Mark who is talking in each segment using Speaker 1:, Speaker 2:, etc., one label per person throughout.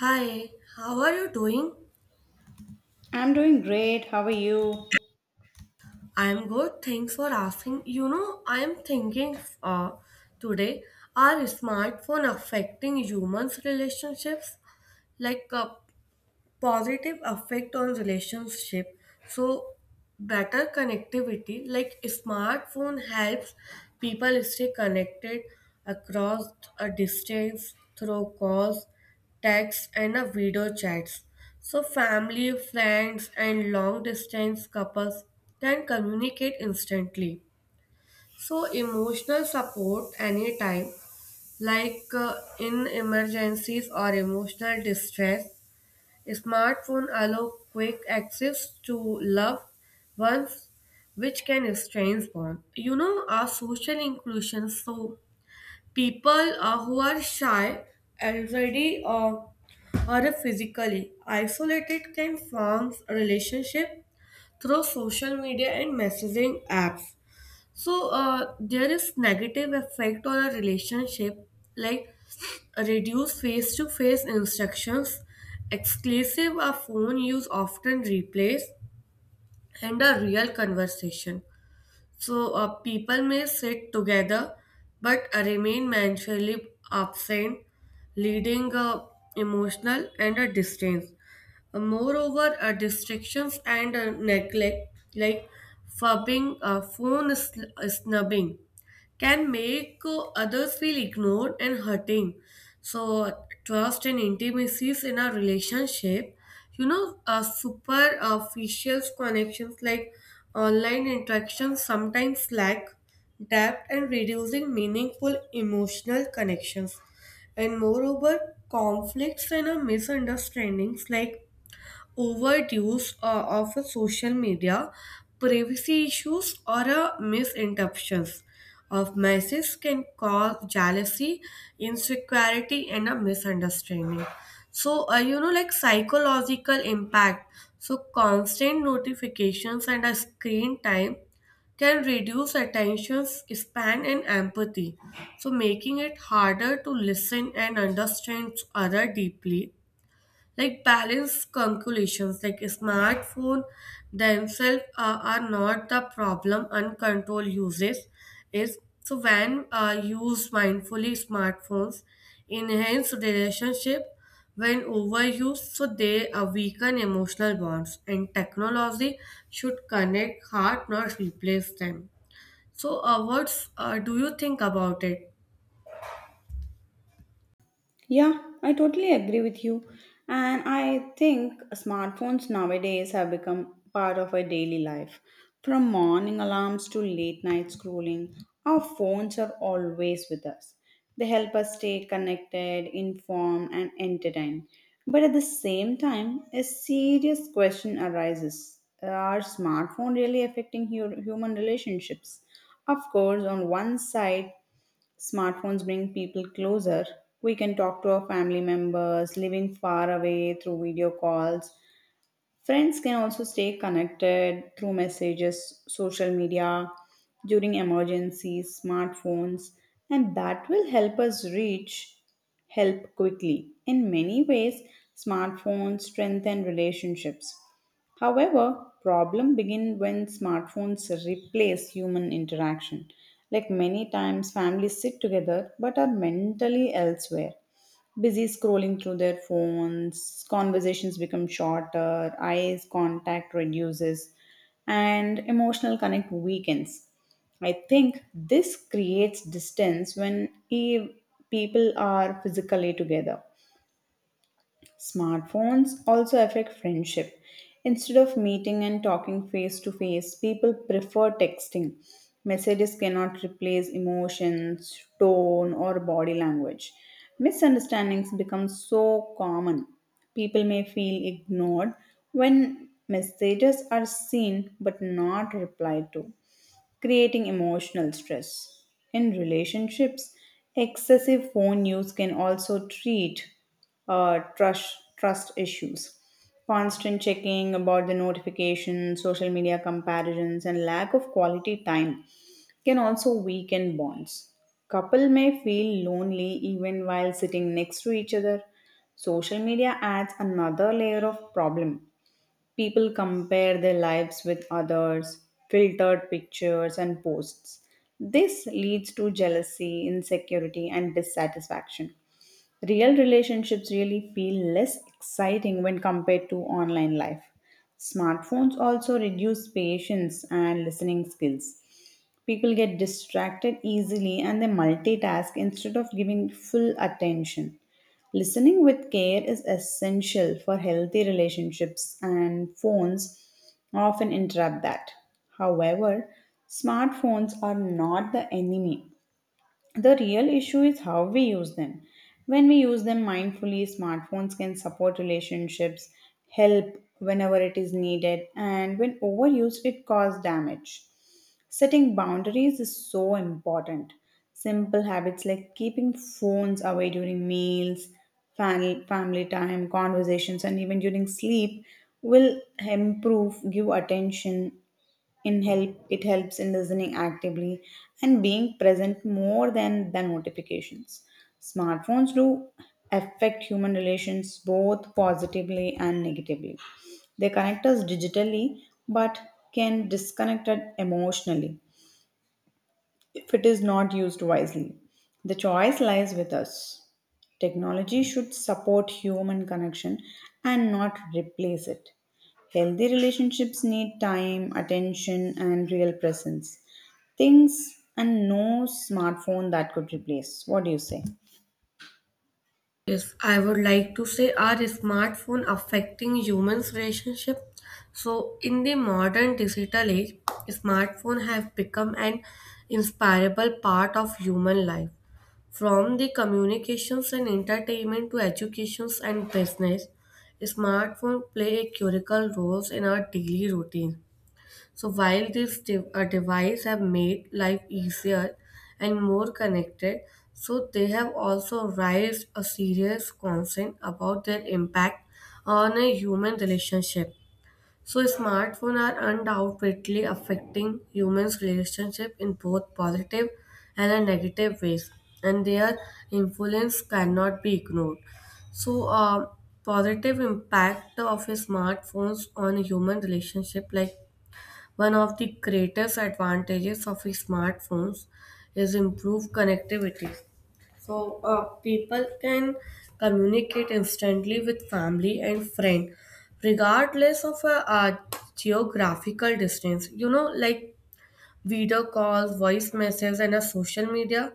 Speaker 1: Hi, how are you doing?
Speaker 2: I'm doing great. How are you?
Speaker 1: I'm good. Thanks for asking. You know, I'm thinking today, are smartphone affecting humans' relationships? Like, positive effect on relationship, so better connectivity, like smartphone helps people stay connected across a distance through calls, text and a video chats, so family, friends and long distance couples can communicate instantly, so emotional support anytime, like in emergencies or emotional distress. Smartphones allow quick access to loved ones, which can strengthen bonds. You know, our social inclusion. So people who are shy, already or physically isolated can form relationship through social media and messaging apps. So there is negative effect on a relationship, like reduce face-to-face instructions, exclusive a phone use often replaced, and a real conversation. So people may sit together but remain mentally absent, leading emotional and a distance. Moreover, distractions and neglect, like fubbing, phone snubbing, can make others feel ignored and hurting. So, trust and intimacies in a relationship, you know, superficial connections, like online interactions, sometimes lack depth and reducing meaningful emotional connections. And moreover, conflicts and misunderstandings, like overuse of a social media, privacy issues, or misinterpretations of messages can cause jealousy, insecurity, and a misunderstanding. So, you know, like psychological impact. So, constant notifications and a screen time can reduce attention span and empathy, so making it harder to listen and understand other deeply, like balance calculations, like smartphone themselves are not the problem, uncontrolled uses is. So when used mindfully, smartphones enhance relationship, when overused, so they weaken emotional bonds, and technology should connect heart, not replace them. So what's do you think about it?
Speaker 2: Yeah, I totally agree with you. And I think smartphones nowadays have become part of our daily life. From morning alarms to late night scrolling, our phones are always with us. They help us stay connected, informed, and entertained. But at the same time, a serious question arises. Are smartphones really affecting human relationships? Of course, on one side, smartphones bring people closer. We can talk to our family members living far away through video calls. Friends can also stay connected through messages, social media, during emergencies, smartphones, and that will help us reach help quickly. In many ways, smartphones strengthen relationships. However, problem begin when smartphones replace human interaction. Like many times families sit together but are mentally elsewhere busy scrolling through their phones, conversations become shorter, eyes contact reduces, and emotional connect weakens. I think this creates distance when people are physically together. Smartphones also affect friendship. Instead of meeting and talking face to face, people prefer texting. Messages cannot replace emotions, tone, or body language. Misunderstandings become so common. People may feel ignored when messages are seen but not replied to, creating emotional stress. In relationships, excessive phone use can also treat trust issues. Constant checking about the notifications, social media comparisons, and lack of quality time can also weaken bonds. Couple may feel lonely even while sitting next to each other. Social media adds another layer of problem. People compare their lives with others, filtered pictures, and posts. This leads to jealousy, insecurity, and dissatisfaction. Real relationships really feel less exciting when compared to online life. Smartphones also reduce patience and listening skills. People get distracted easily and they multitask instead of giving full attention. Listening with care is essential for healthy relationships, and phones often interrupt that. However, smartphones are not the enemy, the real issue is how we use them. When we use them mindfully, smartphones can support relationships, help whenever it is needed, and when overused, it causes damage. Setting boundaries is so important. Simple habits like keeping phones away during meals, family time, conversations, and even during sleep will improve give attention in help, it helps in listening actively and being present more than notifications. Smartphones do affect human relations both positively and negatively. They connect us digitally but can disconnect us emotionally if it is not used wisely. The choice lies with us. Technology should support human connection and not replace it. Healthy relationships need time, attention, and real presence. Things and no smartphone that could replace. What do you say?
Speaker 1: Yes, I would like to say, are smartphone affecting humans' relationship? So in the modern digital age, smartphone have become an inseparable part of human life. From the communications and entertainment to educations and business, smartphone play a critical role in our daily routine. So while these devices have made life easier and more connected, so they have also raised a serious concern about their impact on a human relationship. So smartphones are undoubtedly affecting humans' relationship in both positive and a negative ways, and their influence cannot be ignored. So, positive impact of a smartphones on human relationship, like one of the greatest advantages of smartphones is improved connectivity. So, people can communicate instantly with family and friend, regardless of geographical distance. You know, like video calls, voice messages, and a social media.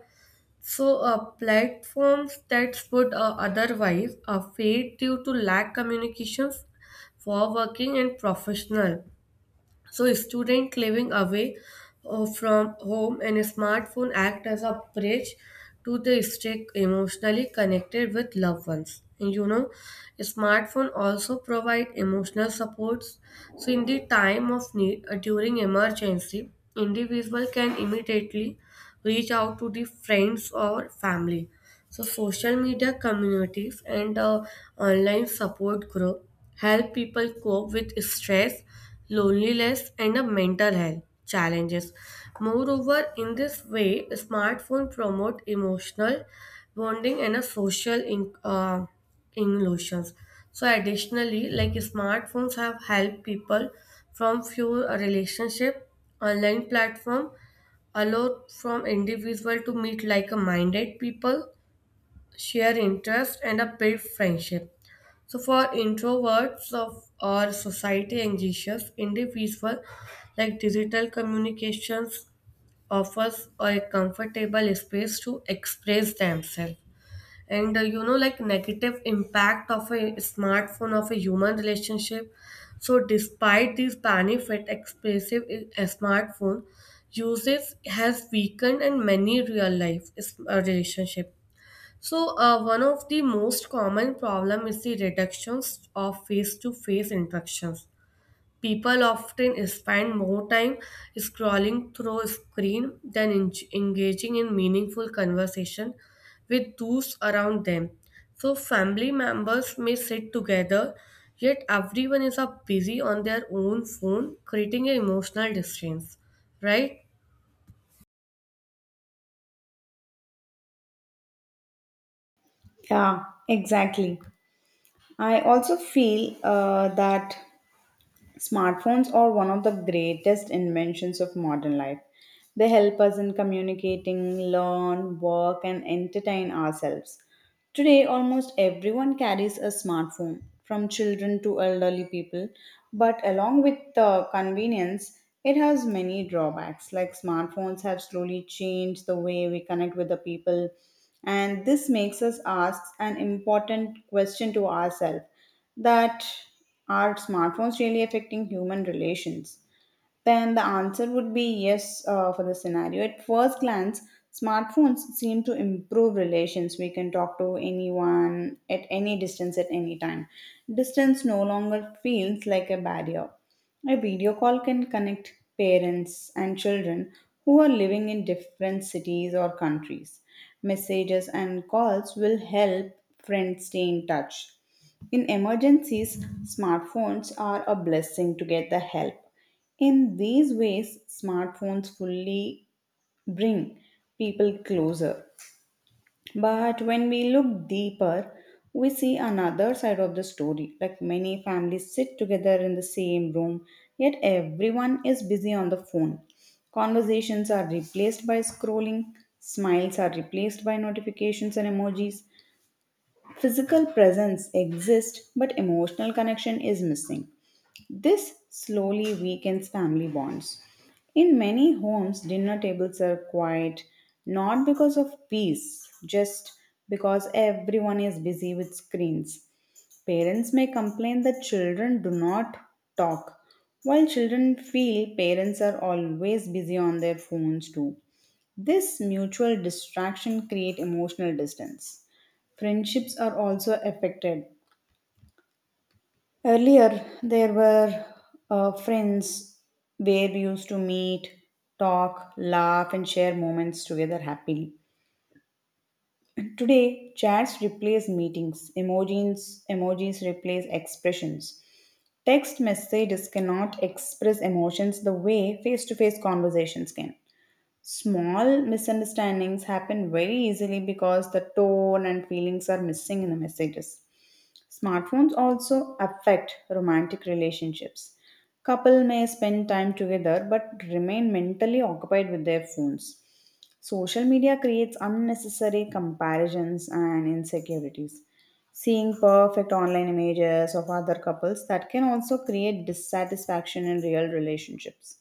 Speaker 1: So, platforms that would otherwise fade due to lack communications for working and professional. So, students living away from home, and smartphone act as a bridge to the stay emotionally connected with loved ones. And you know, smartphone also provide emotional supports. So, in the time of need during emergency, individual can immediately reach out to the friends or family. So social media communities and online support group help people cope with stress, loneliness, and mental health challenges. Moreover, in this way, smartphone promote emotional bonding and a social inclusions. So additionally, like smartphones have helped people from few relationship, online platform allowed from individual to meet like-minded people, share interests, and a build friendship. So for introverts of or society anxious individual, like digital communications offers a comfortable space to express themselves, and you know, like negative impact of a smartphone of a human relationship. So despite these benefit expressive a smartphone uses has weakened in many real life relationship. So one of the most common problem is the reductions of face to face interactions. People often spend more time scrolling through a screen than engaging in meaningful conversation with those around them. So, family members may sit together, yet everyone is up busy on their own phone, creating an emotional distance, right?
Speaker 2: Yeah, exactly. I also feel that smartphones are one of the greatest inventions of modern life. They help us in communicating, learn, work, and entertain ourselves. Today, almost everyone carries a smartphone, from children to elderly people. But along with the convenience, it has many drawbacks. Like smartphones have slowly changed the way we connect with the people, and this makes us ask an important question to ourselves: that are smartphones really affecting human relations? Then the answer would be yes for the scenario. At first glance, smartphones seem to improve relations. We can talk to anyone at any distance at any time. Distance no longer feels like a barrier. A video call can connect parents and children who are living in different cities or countries. Messages and calls will help friends stay in touch. In emergencies, smartphones are a blessing to get the help. In these ways, smartphones fully bring people closer. But when we look deeper, we see another side of the story. Like many families sit together in the same room, yet everyone is busy on the phone. Conversations are replaced by scrolling, smiles are replaced by notifications and emojis. Physical presence exists, but emotional connection is missing. This slowly weakens family bonds. In many homes, dinner tables are quiet not because of peace, just because everyone is busy with screens. Parents may complain that children do not talk, while children feel parents are always busy on their phones too. This mutual distraction creates emotional distance. Friendships are also affected. Earlier, there were friends where we used to meet, talk, laugh, and share moments together happily. Today, chats replace meetings, emojis replace expressions. Text messages cannot express emotions the way face to face conversations can. Small misunderstandings happen very easily because the tone and feelings are missing in the messages. Smartphones also affect romantic relationships. Couple may spend time together but remain mentally occupied with their phones. Social media creates unnecessary comparisons and insecurities. Seeing perfect online images of other couples that can also create dissatisfaction in real relationships.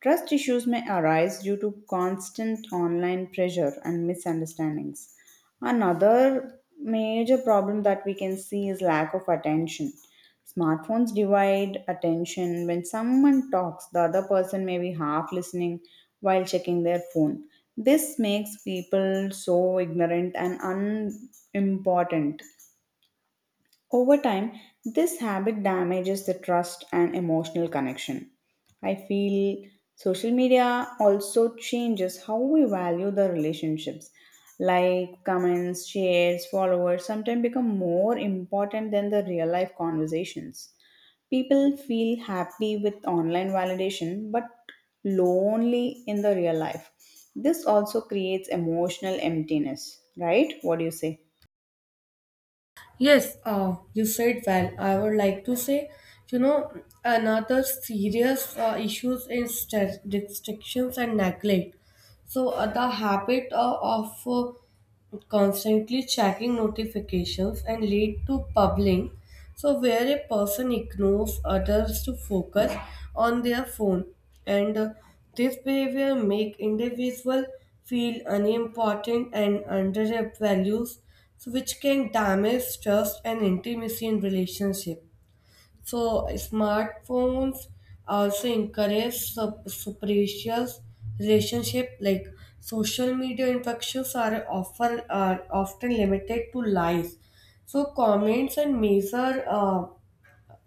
Speaker 2: Trust issues may arise due to constant online pressure and misunderstandings. Another major problem that we can see is lack of attention. Smartphones divide attention. When someone talks, the other person may be half listening while checking their phone. This makes people so ignorant and unimportant. Over time, this habit damages the trust and emotional connection. I feel social media also changes how we value the relationships. Like comments, shares, followers sometimes become more important than the real life conversations. People feel happy with online validation but lonely in the real life. This also creates emotional emptiness, right? What do you say?
Speaker 1: Yes, you said well. I would like to say, you know, another serious issues is restrictions and neglect. So the habit of constantly checking notifications and lead to pubbling. So where a person ignores others to focus on their phone, and this behavior make individual feel unimportant and undervalues, so which can damage trust and intimacy in relationship. So smartphones also encourage superficial relationship, like social media interactions are often limited to likes. So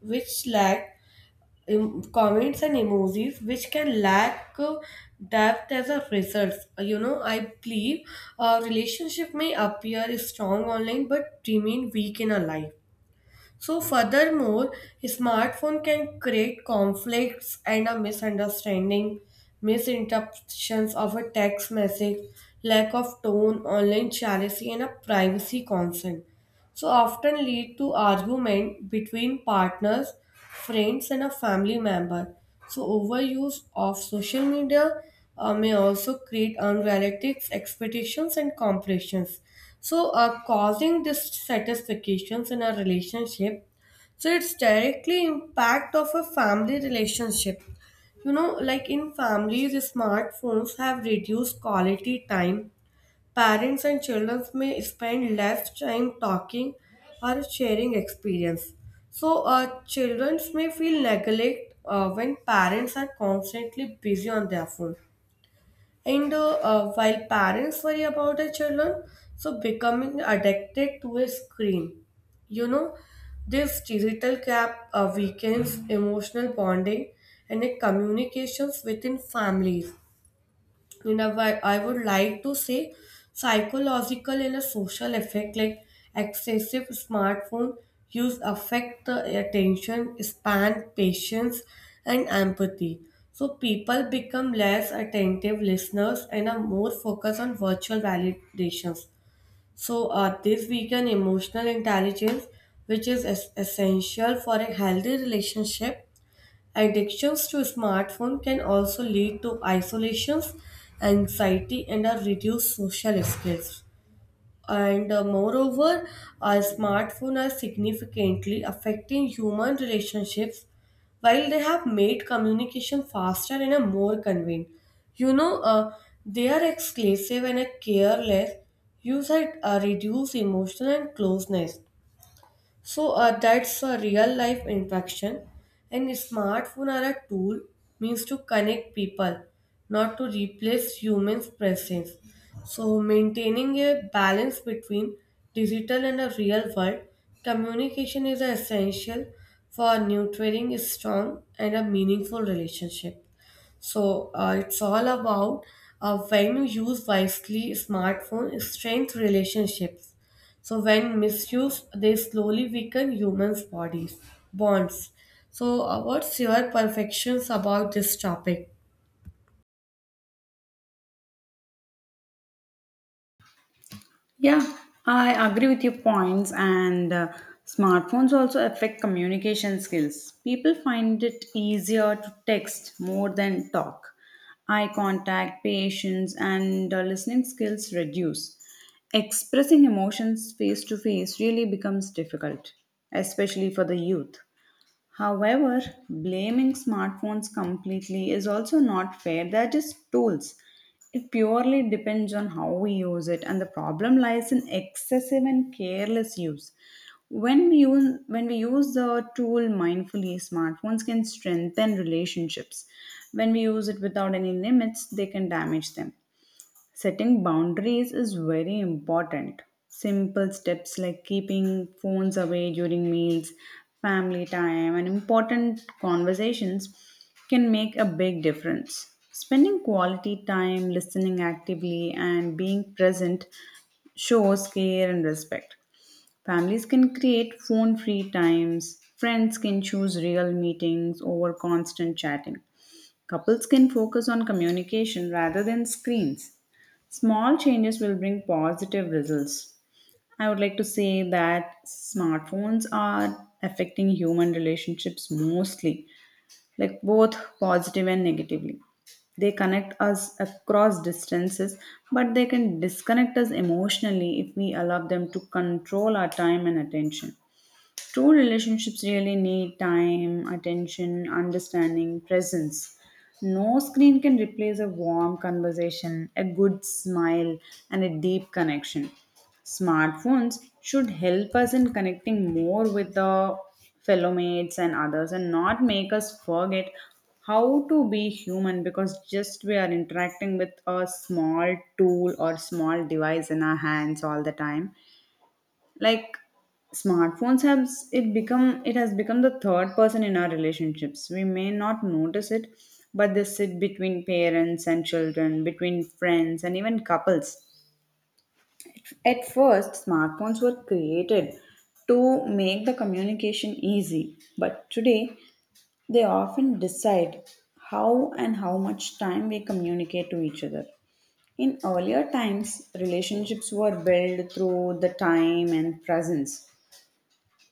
Speaker 1: which lack comments and emojis, which can lack depth. As a result, you know, I believe a relationship may appear strong online but remain weak in a life. So, furthermore, smartphone can create conflicts and a misunderstanding, misinterpretations of a text message, lack of tone, online jealousy, and a privacy concern. So, often lead to argument between partners, friends, and a family member. So, overuse of social media may also create unrealistic expectations and comparisons. So, causing dissatisfactions in a relationship, so it's directly impact of a family relationship. You know, like in families, smartphones have reduced quality time. Parents and children may spend less time talking or sharing experience. So, children may feel neglect when parents are constantly busy on their phone. And while parents worry about their children, so becoming addicted to a screen, you know, this digital gap weakens emotional bonding and the communications within families. You know, I would like to say, psychological and a social effect, like excessive smartphone use affect the attention span, patience and empathy, so people become less attentive listeners and are more focused on virtual validations. So this weaken emotional intelligence, which is essential for a healthy relationship. Addictions to smartphone can also lead to isolations, anxiety, and a reduced social skills. And moreover, our smartphones are significantly affecting human relationships, while they have made communication faster and a more convenient. You know, they are exclusive and a careless use that reduce emotional and closeness. So that's a real life interaction. And smartphone are a tool means to connect people, not to replace humans' presence. So maintaining a balance between digital and a real world communication is essential for nurturing a strong and a meaningful relationship. So it's all about when you use wisely, smartphone strength relationships. So when misused, they slowly weaken humans' bodies bonds. So what's your perfections about this topic?
Speaker 2: Yeah, I agree with your points, and smartphones also affect communication skills. People find it easier to text more than talk. Eye contact, patience, and listening skills reduce. Expressing emotions face to face really becomes difficult, especially for the youth. However, blaming smartphones completely is also not fair. They're just tools. It purely depends on how we use it, and the problem lies in excessive and careless use. When we use the tool mindfully, smartphones can strengthen relationships. When we use it without any limits, they can damage them. Setting boundaries is very important. Simple steps like keeping phones away during meals, family time, and important conversations can make a big difference. Spending quality time listening actively and being present shows care and respect. Families can create phone free times, friends can choose real meetings over constant chatting. Couples can focus on communication rather than screens. Small changes will bring positive results. I would like to say that smartphones are affecting human relationships mostly, like both positive and negatively. They connect us across distances, but they can disconnect us emotionally if we allow them to control our time and attention. True relationships really need time, attention, understanding, presence. No screen can replace a warm conversation, a good smile, and a deep connection. Smartphones should help us in connecting more with the fellow mates and others and not make us forget how to be human because just we are interacting with a small tool or small device in our hands all the time. Like, smartphones have it become it has become the third person in our relationships. We may not notice it, but they sit between parents and children, between friends and even couples. At first, smartphones were created to make the communication easy, but today they often decide how and how much time we communicate to each other. In earlier times, relationships were built through the time and presence.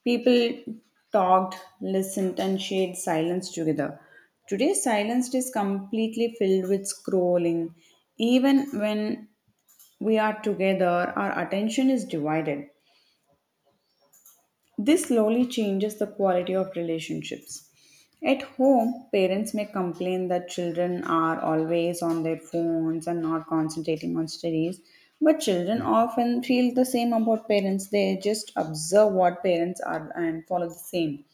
Speaker 2: People talked, listened, and shared silence together. Today, silence is completely filled with scrolling. Even when we are together, our attention is divided. This slowly changes the quality of relationships. At home, parents may complain that children are always on their phones and not concentrating on studies. But children often feel the same about parents. They just observe what parents are and follow the same.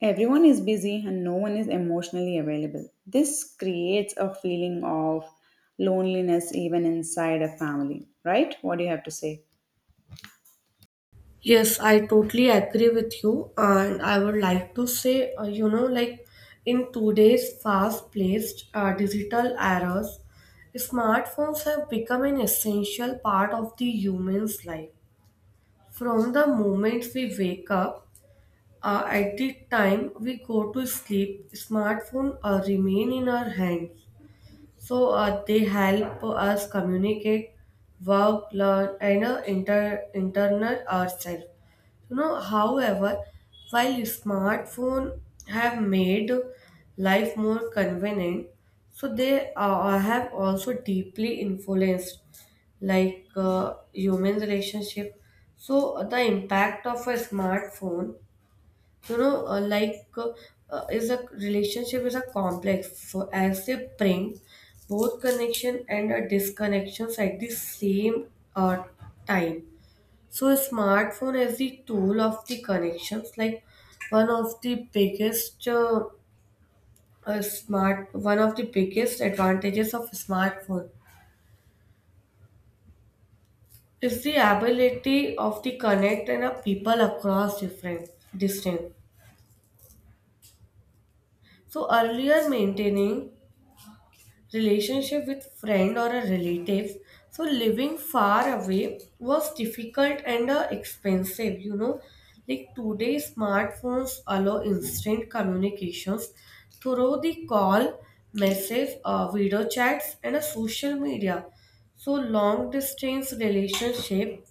Speaker 2: Everyone is busy and no one is emotionally available. This creates a feeling of loneliness even inside a family, right? What do you have to say?
Speaker 1: Yes, I totally agree with you, and I would like to say, you know, like in today's fast-paced digital eras, smartphones have become an essential part of the human's life. From the moment we wake up, at the time we go to sleep, smartphone remain in our hand. So they help us communicate, work, learn, and internal ourselves. You know, however, while smartphones have made life more convenient, so they have also deeply influenced, like human relationship. So the impact of a smartphone, you know, is a relationship is a complex, so as they bring both connection and a disconnections at the same uh, time. So a smartphone is the tool of the connections, like one of the biggest uh, one of the biggest advantages of smartphone is the ability of the connect and of people across different distance. So earlier maintaining relationship with friend or a relatives, so living far away was difficult and expensive, you know, like today smartphones allow instant communications through the call, message, video chats and social media. So long distance relationship,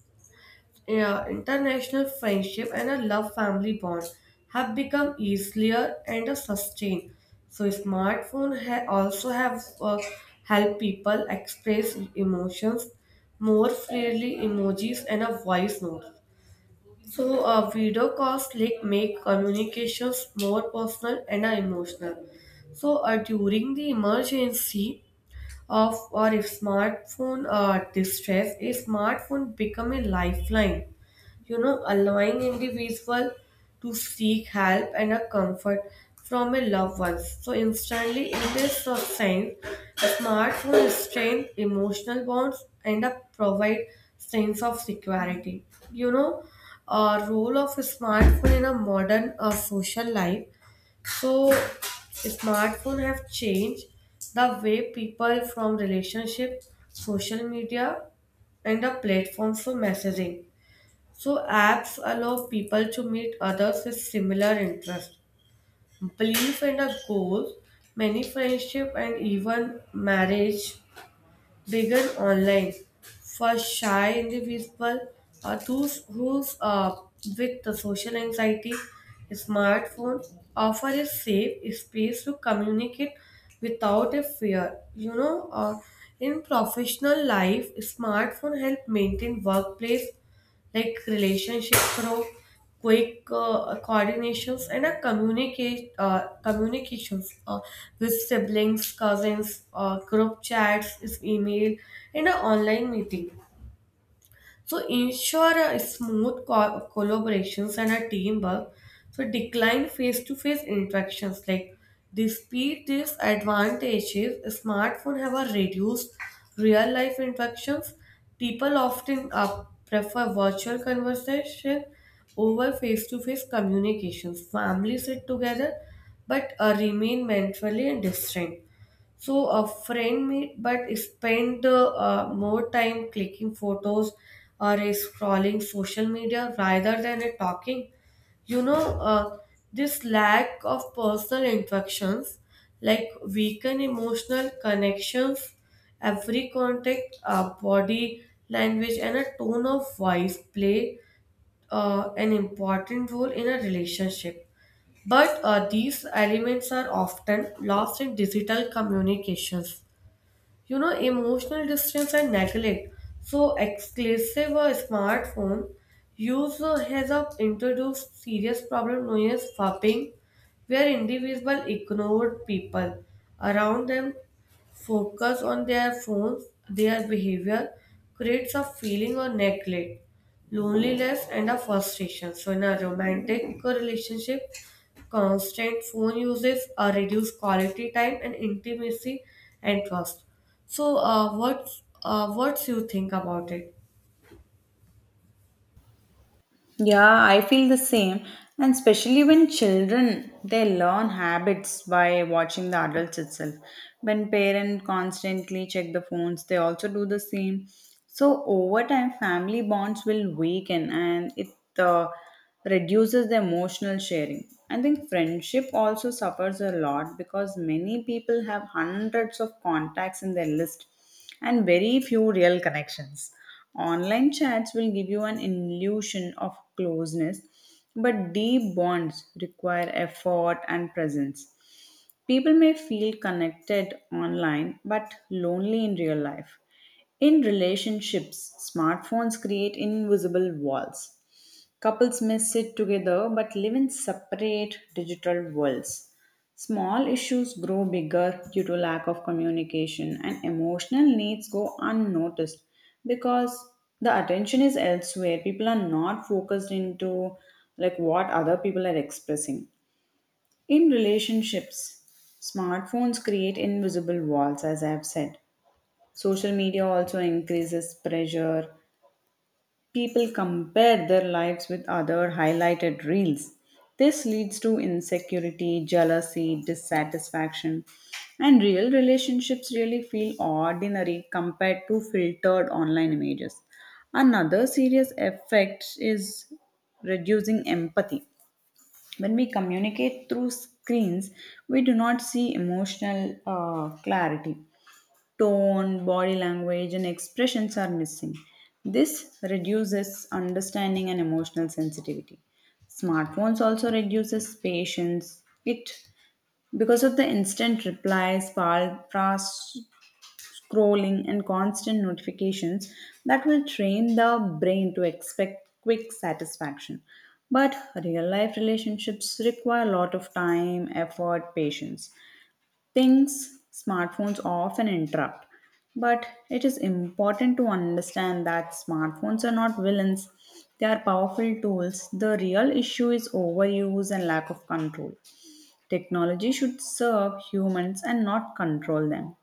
Speaker 1: yeah, international friendship and a love family bond have become easier and a sustain. So smartphone also have help people express emotions more freely, emojis and a voice note. So video calls, like make communications more personal and emotional. So during the emergency, of or if smartphone distress a smartphone become a lifeline, you know, allowing individual to seek help and a comfort from a loved one, so instantly. In this sense, a smartphone strength emotional bonds and provide sense of security. You know, a role of a smartphone in a modern social life. So smartphone have changed the way people from relationship, social media and the platforms for messaging. So apps allow people to meet others with similar interests, belief and a goals, many friendship and even marriage began online, first shy individuals, those who's with the social anxiety. Smartphone offer a safe space to communicate without a fear. You know, in professional life, smartphone help maintain workplace, like relationship through quick coordinations and a communicate communications with siblings, cousins, group chats is email and an online meeting, so ensure a smooth collaborations and a teamwork. So decline face-to-face interactions. Like despite these advantages, smartphone have a reduced real-life interactions. People often prefer virtual conversation over face-to-face communications. Families sit together, but remain mentally and distant. So a friend made, but spent more time clicking photos or scrolling social media rather than talking. You know, uh, this lack of personal interactions, like weaken emotional connections. Every contact, body language, and a tone of voice play an important role in a relationship, but these elements are often lost in digital communications. You know, emotional distance and neglect. So, exclusive smartphone use has introduced serious problem known as fapping, where individuals ignore people around them, focus on their phones. Their behavior creates a feeling of neglect, loneliness, and a frustration. So, in a romantic relationship, constant phone uses reduce quality time and intimacy and trust. So, what you think about it?
Speaker 2: Yeah, I feel the same. And especially when children, they learn habits by watching the adults itself. When parents constantly check the phones, they also do the same. So over time, family bonds will weaken and it uh, reduces the emotional sharing. I think friendship also suffers a lot because many people have hundreds of contacts in their list and very few real connections. Online chats will give you an illusion of closeness, but deep bonds require effort and presence. People may feel connected online but lonely in real life. In relationships, smartphones create invisible walls. Couples may sit together but live in separate digital worlds. Small issues grow bigger due to lack of communication, and emotional needs go unnoticed because the attention is elsewhere. People are not focused into like what other people are expressing. In relationships, smartphones create invisible walls, as I have said. Social media also increases pressure. People compare their lives with other highlighted reels. This leads to insecurity, jealousy, dissatisfaction, and real relationships really feel ordinary compared to filtered online images. Another serious effect is reducing empathy. When we communicate through screens, we do not see emotional clarity, tone, body language, and expressions are missing. This reduces understanding and emotional sensitivity. Smartphones also reduces patience. It because of the instant replies, fast scrolling, and constant notifications that will train the brain to expect quick satisfaction. But real life relationships require a lot of time, effort, patience, things smartphones often interrupt. But it is important to understand that smartphones are not villains, they are powerful tools. The real issue is overuse and lack of control. Technology should serve humans and not control them.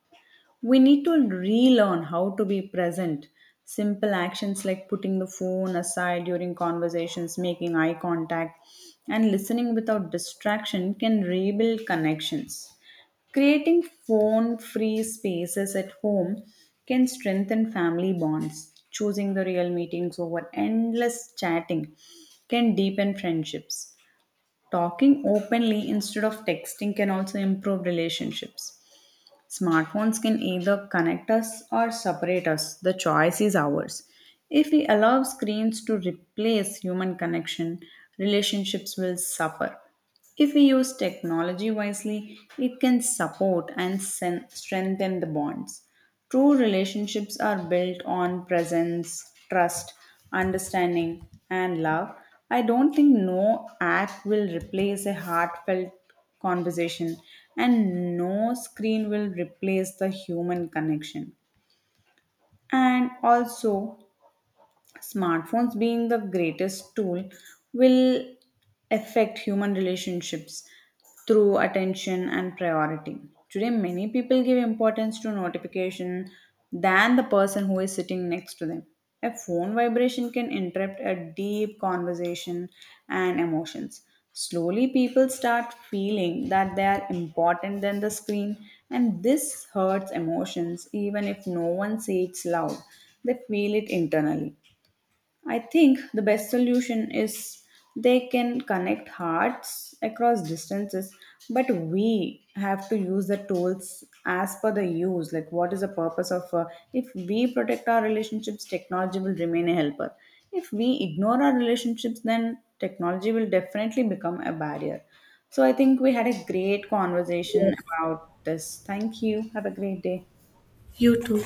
Speaker 2: We need to relearn how to be present. Simple actions like putting the phone aside during conversations, making eye contact, and listening without distraction can rebuild connections. Creating phone free spaces at home can strengthen family bonds. Choosing the real meetings over endless chatting can deepen friendships. Talking openly instead of texting can also improve relationships. Smartphones can either connect us or separate us. The choice is ours. If we allow screens to replace human connection, relationships will suffer. If we use technology wisely, it can support and strengthen the bonds. True relationships are built on presence, trust, understanding, and love. I don't think no app will replace a heartfelt conversation, and no screen will replace the human connection. And also, smartphones being the greatest tool will affect human relationships through attention and priority. Today many people give importance to notification than the person who is sitting next to them. A phone vibration can interrupt a deep conversation and emotions. Slowly people start feeling that they are important than the screen, and this hurts emotions. Even if no one says it loud, they feel it internally. I think the best solution is they can connect hearts across distances, but we have to use the tools as per the use. Like, what is the purpose of? If we protect our relationships, technology will remain a helper. If we ignore our relationships, then technology will definitely become a barrier. So, I think we had a great conversation
Speaker 1: Yes.
Speaker 2: about this. Thank you. Have a great day.
Speaker 1: You too.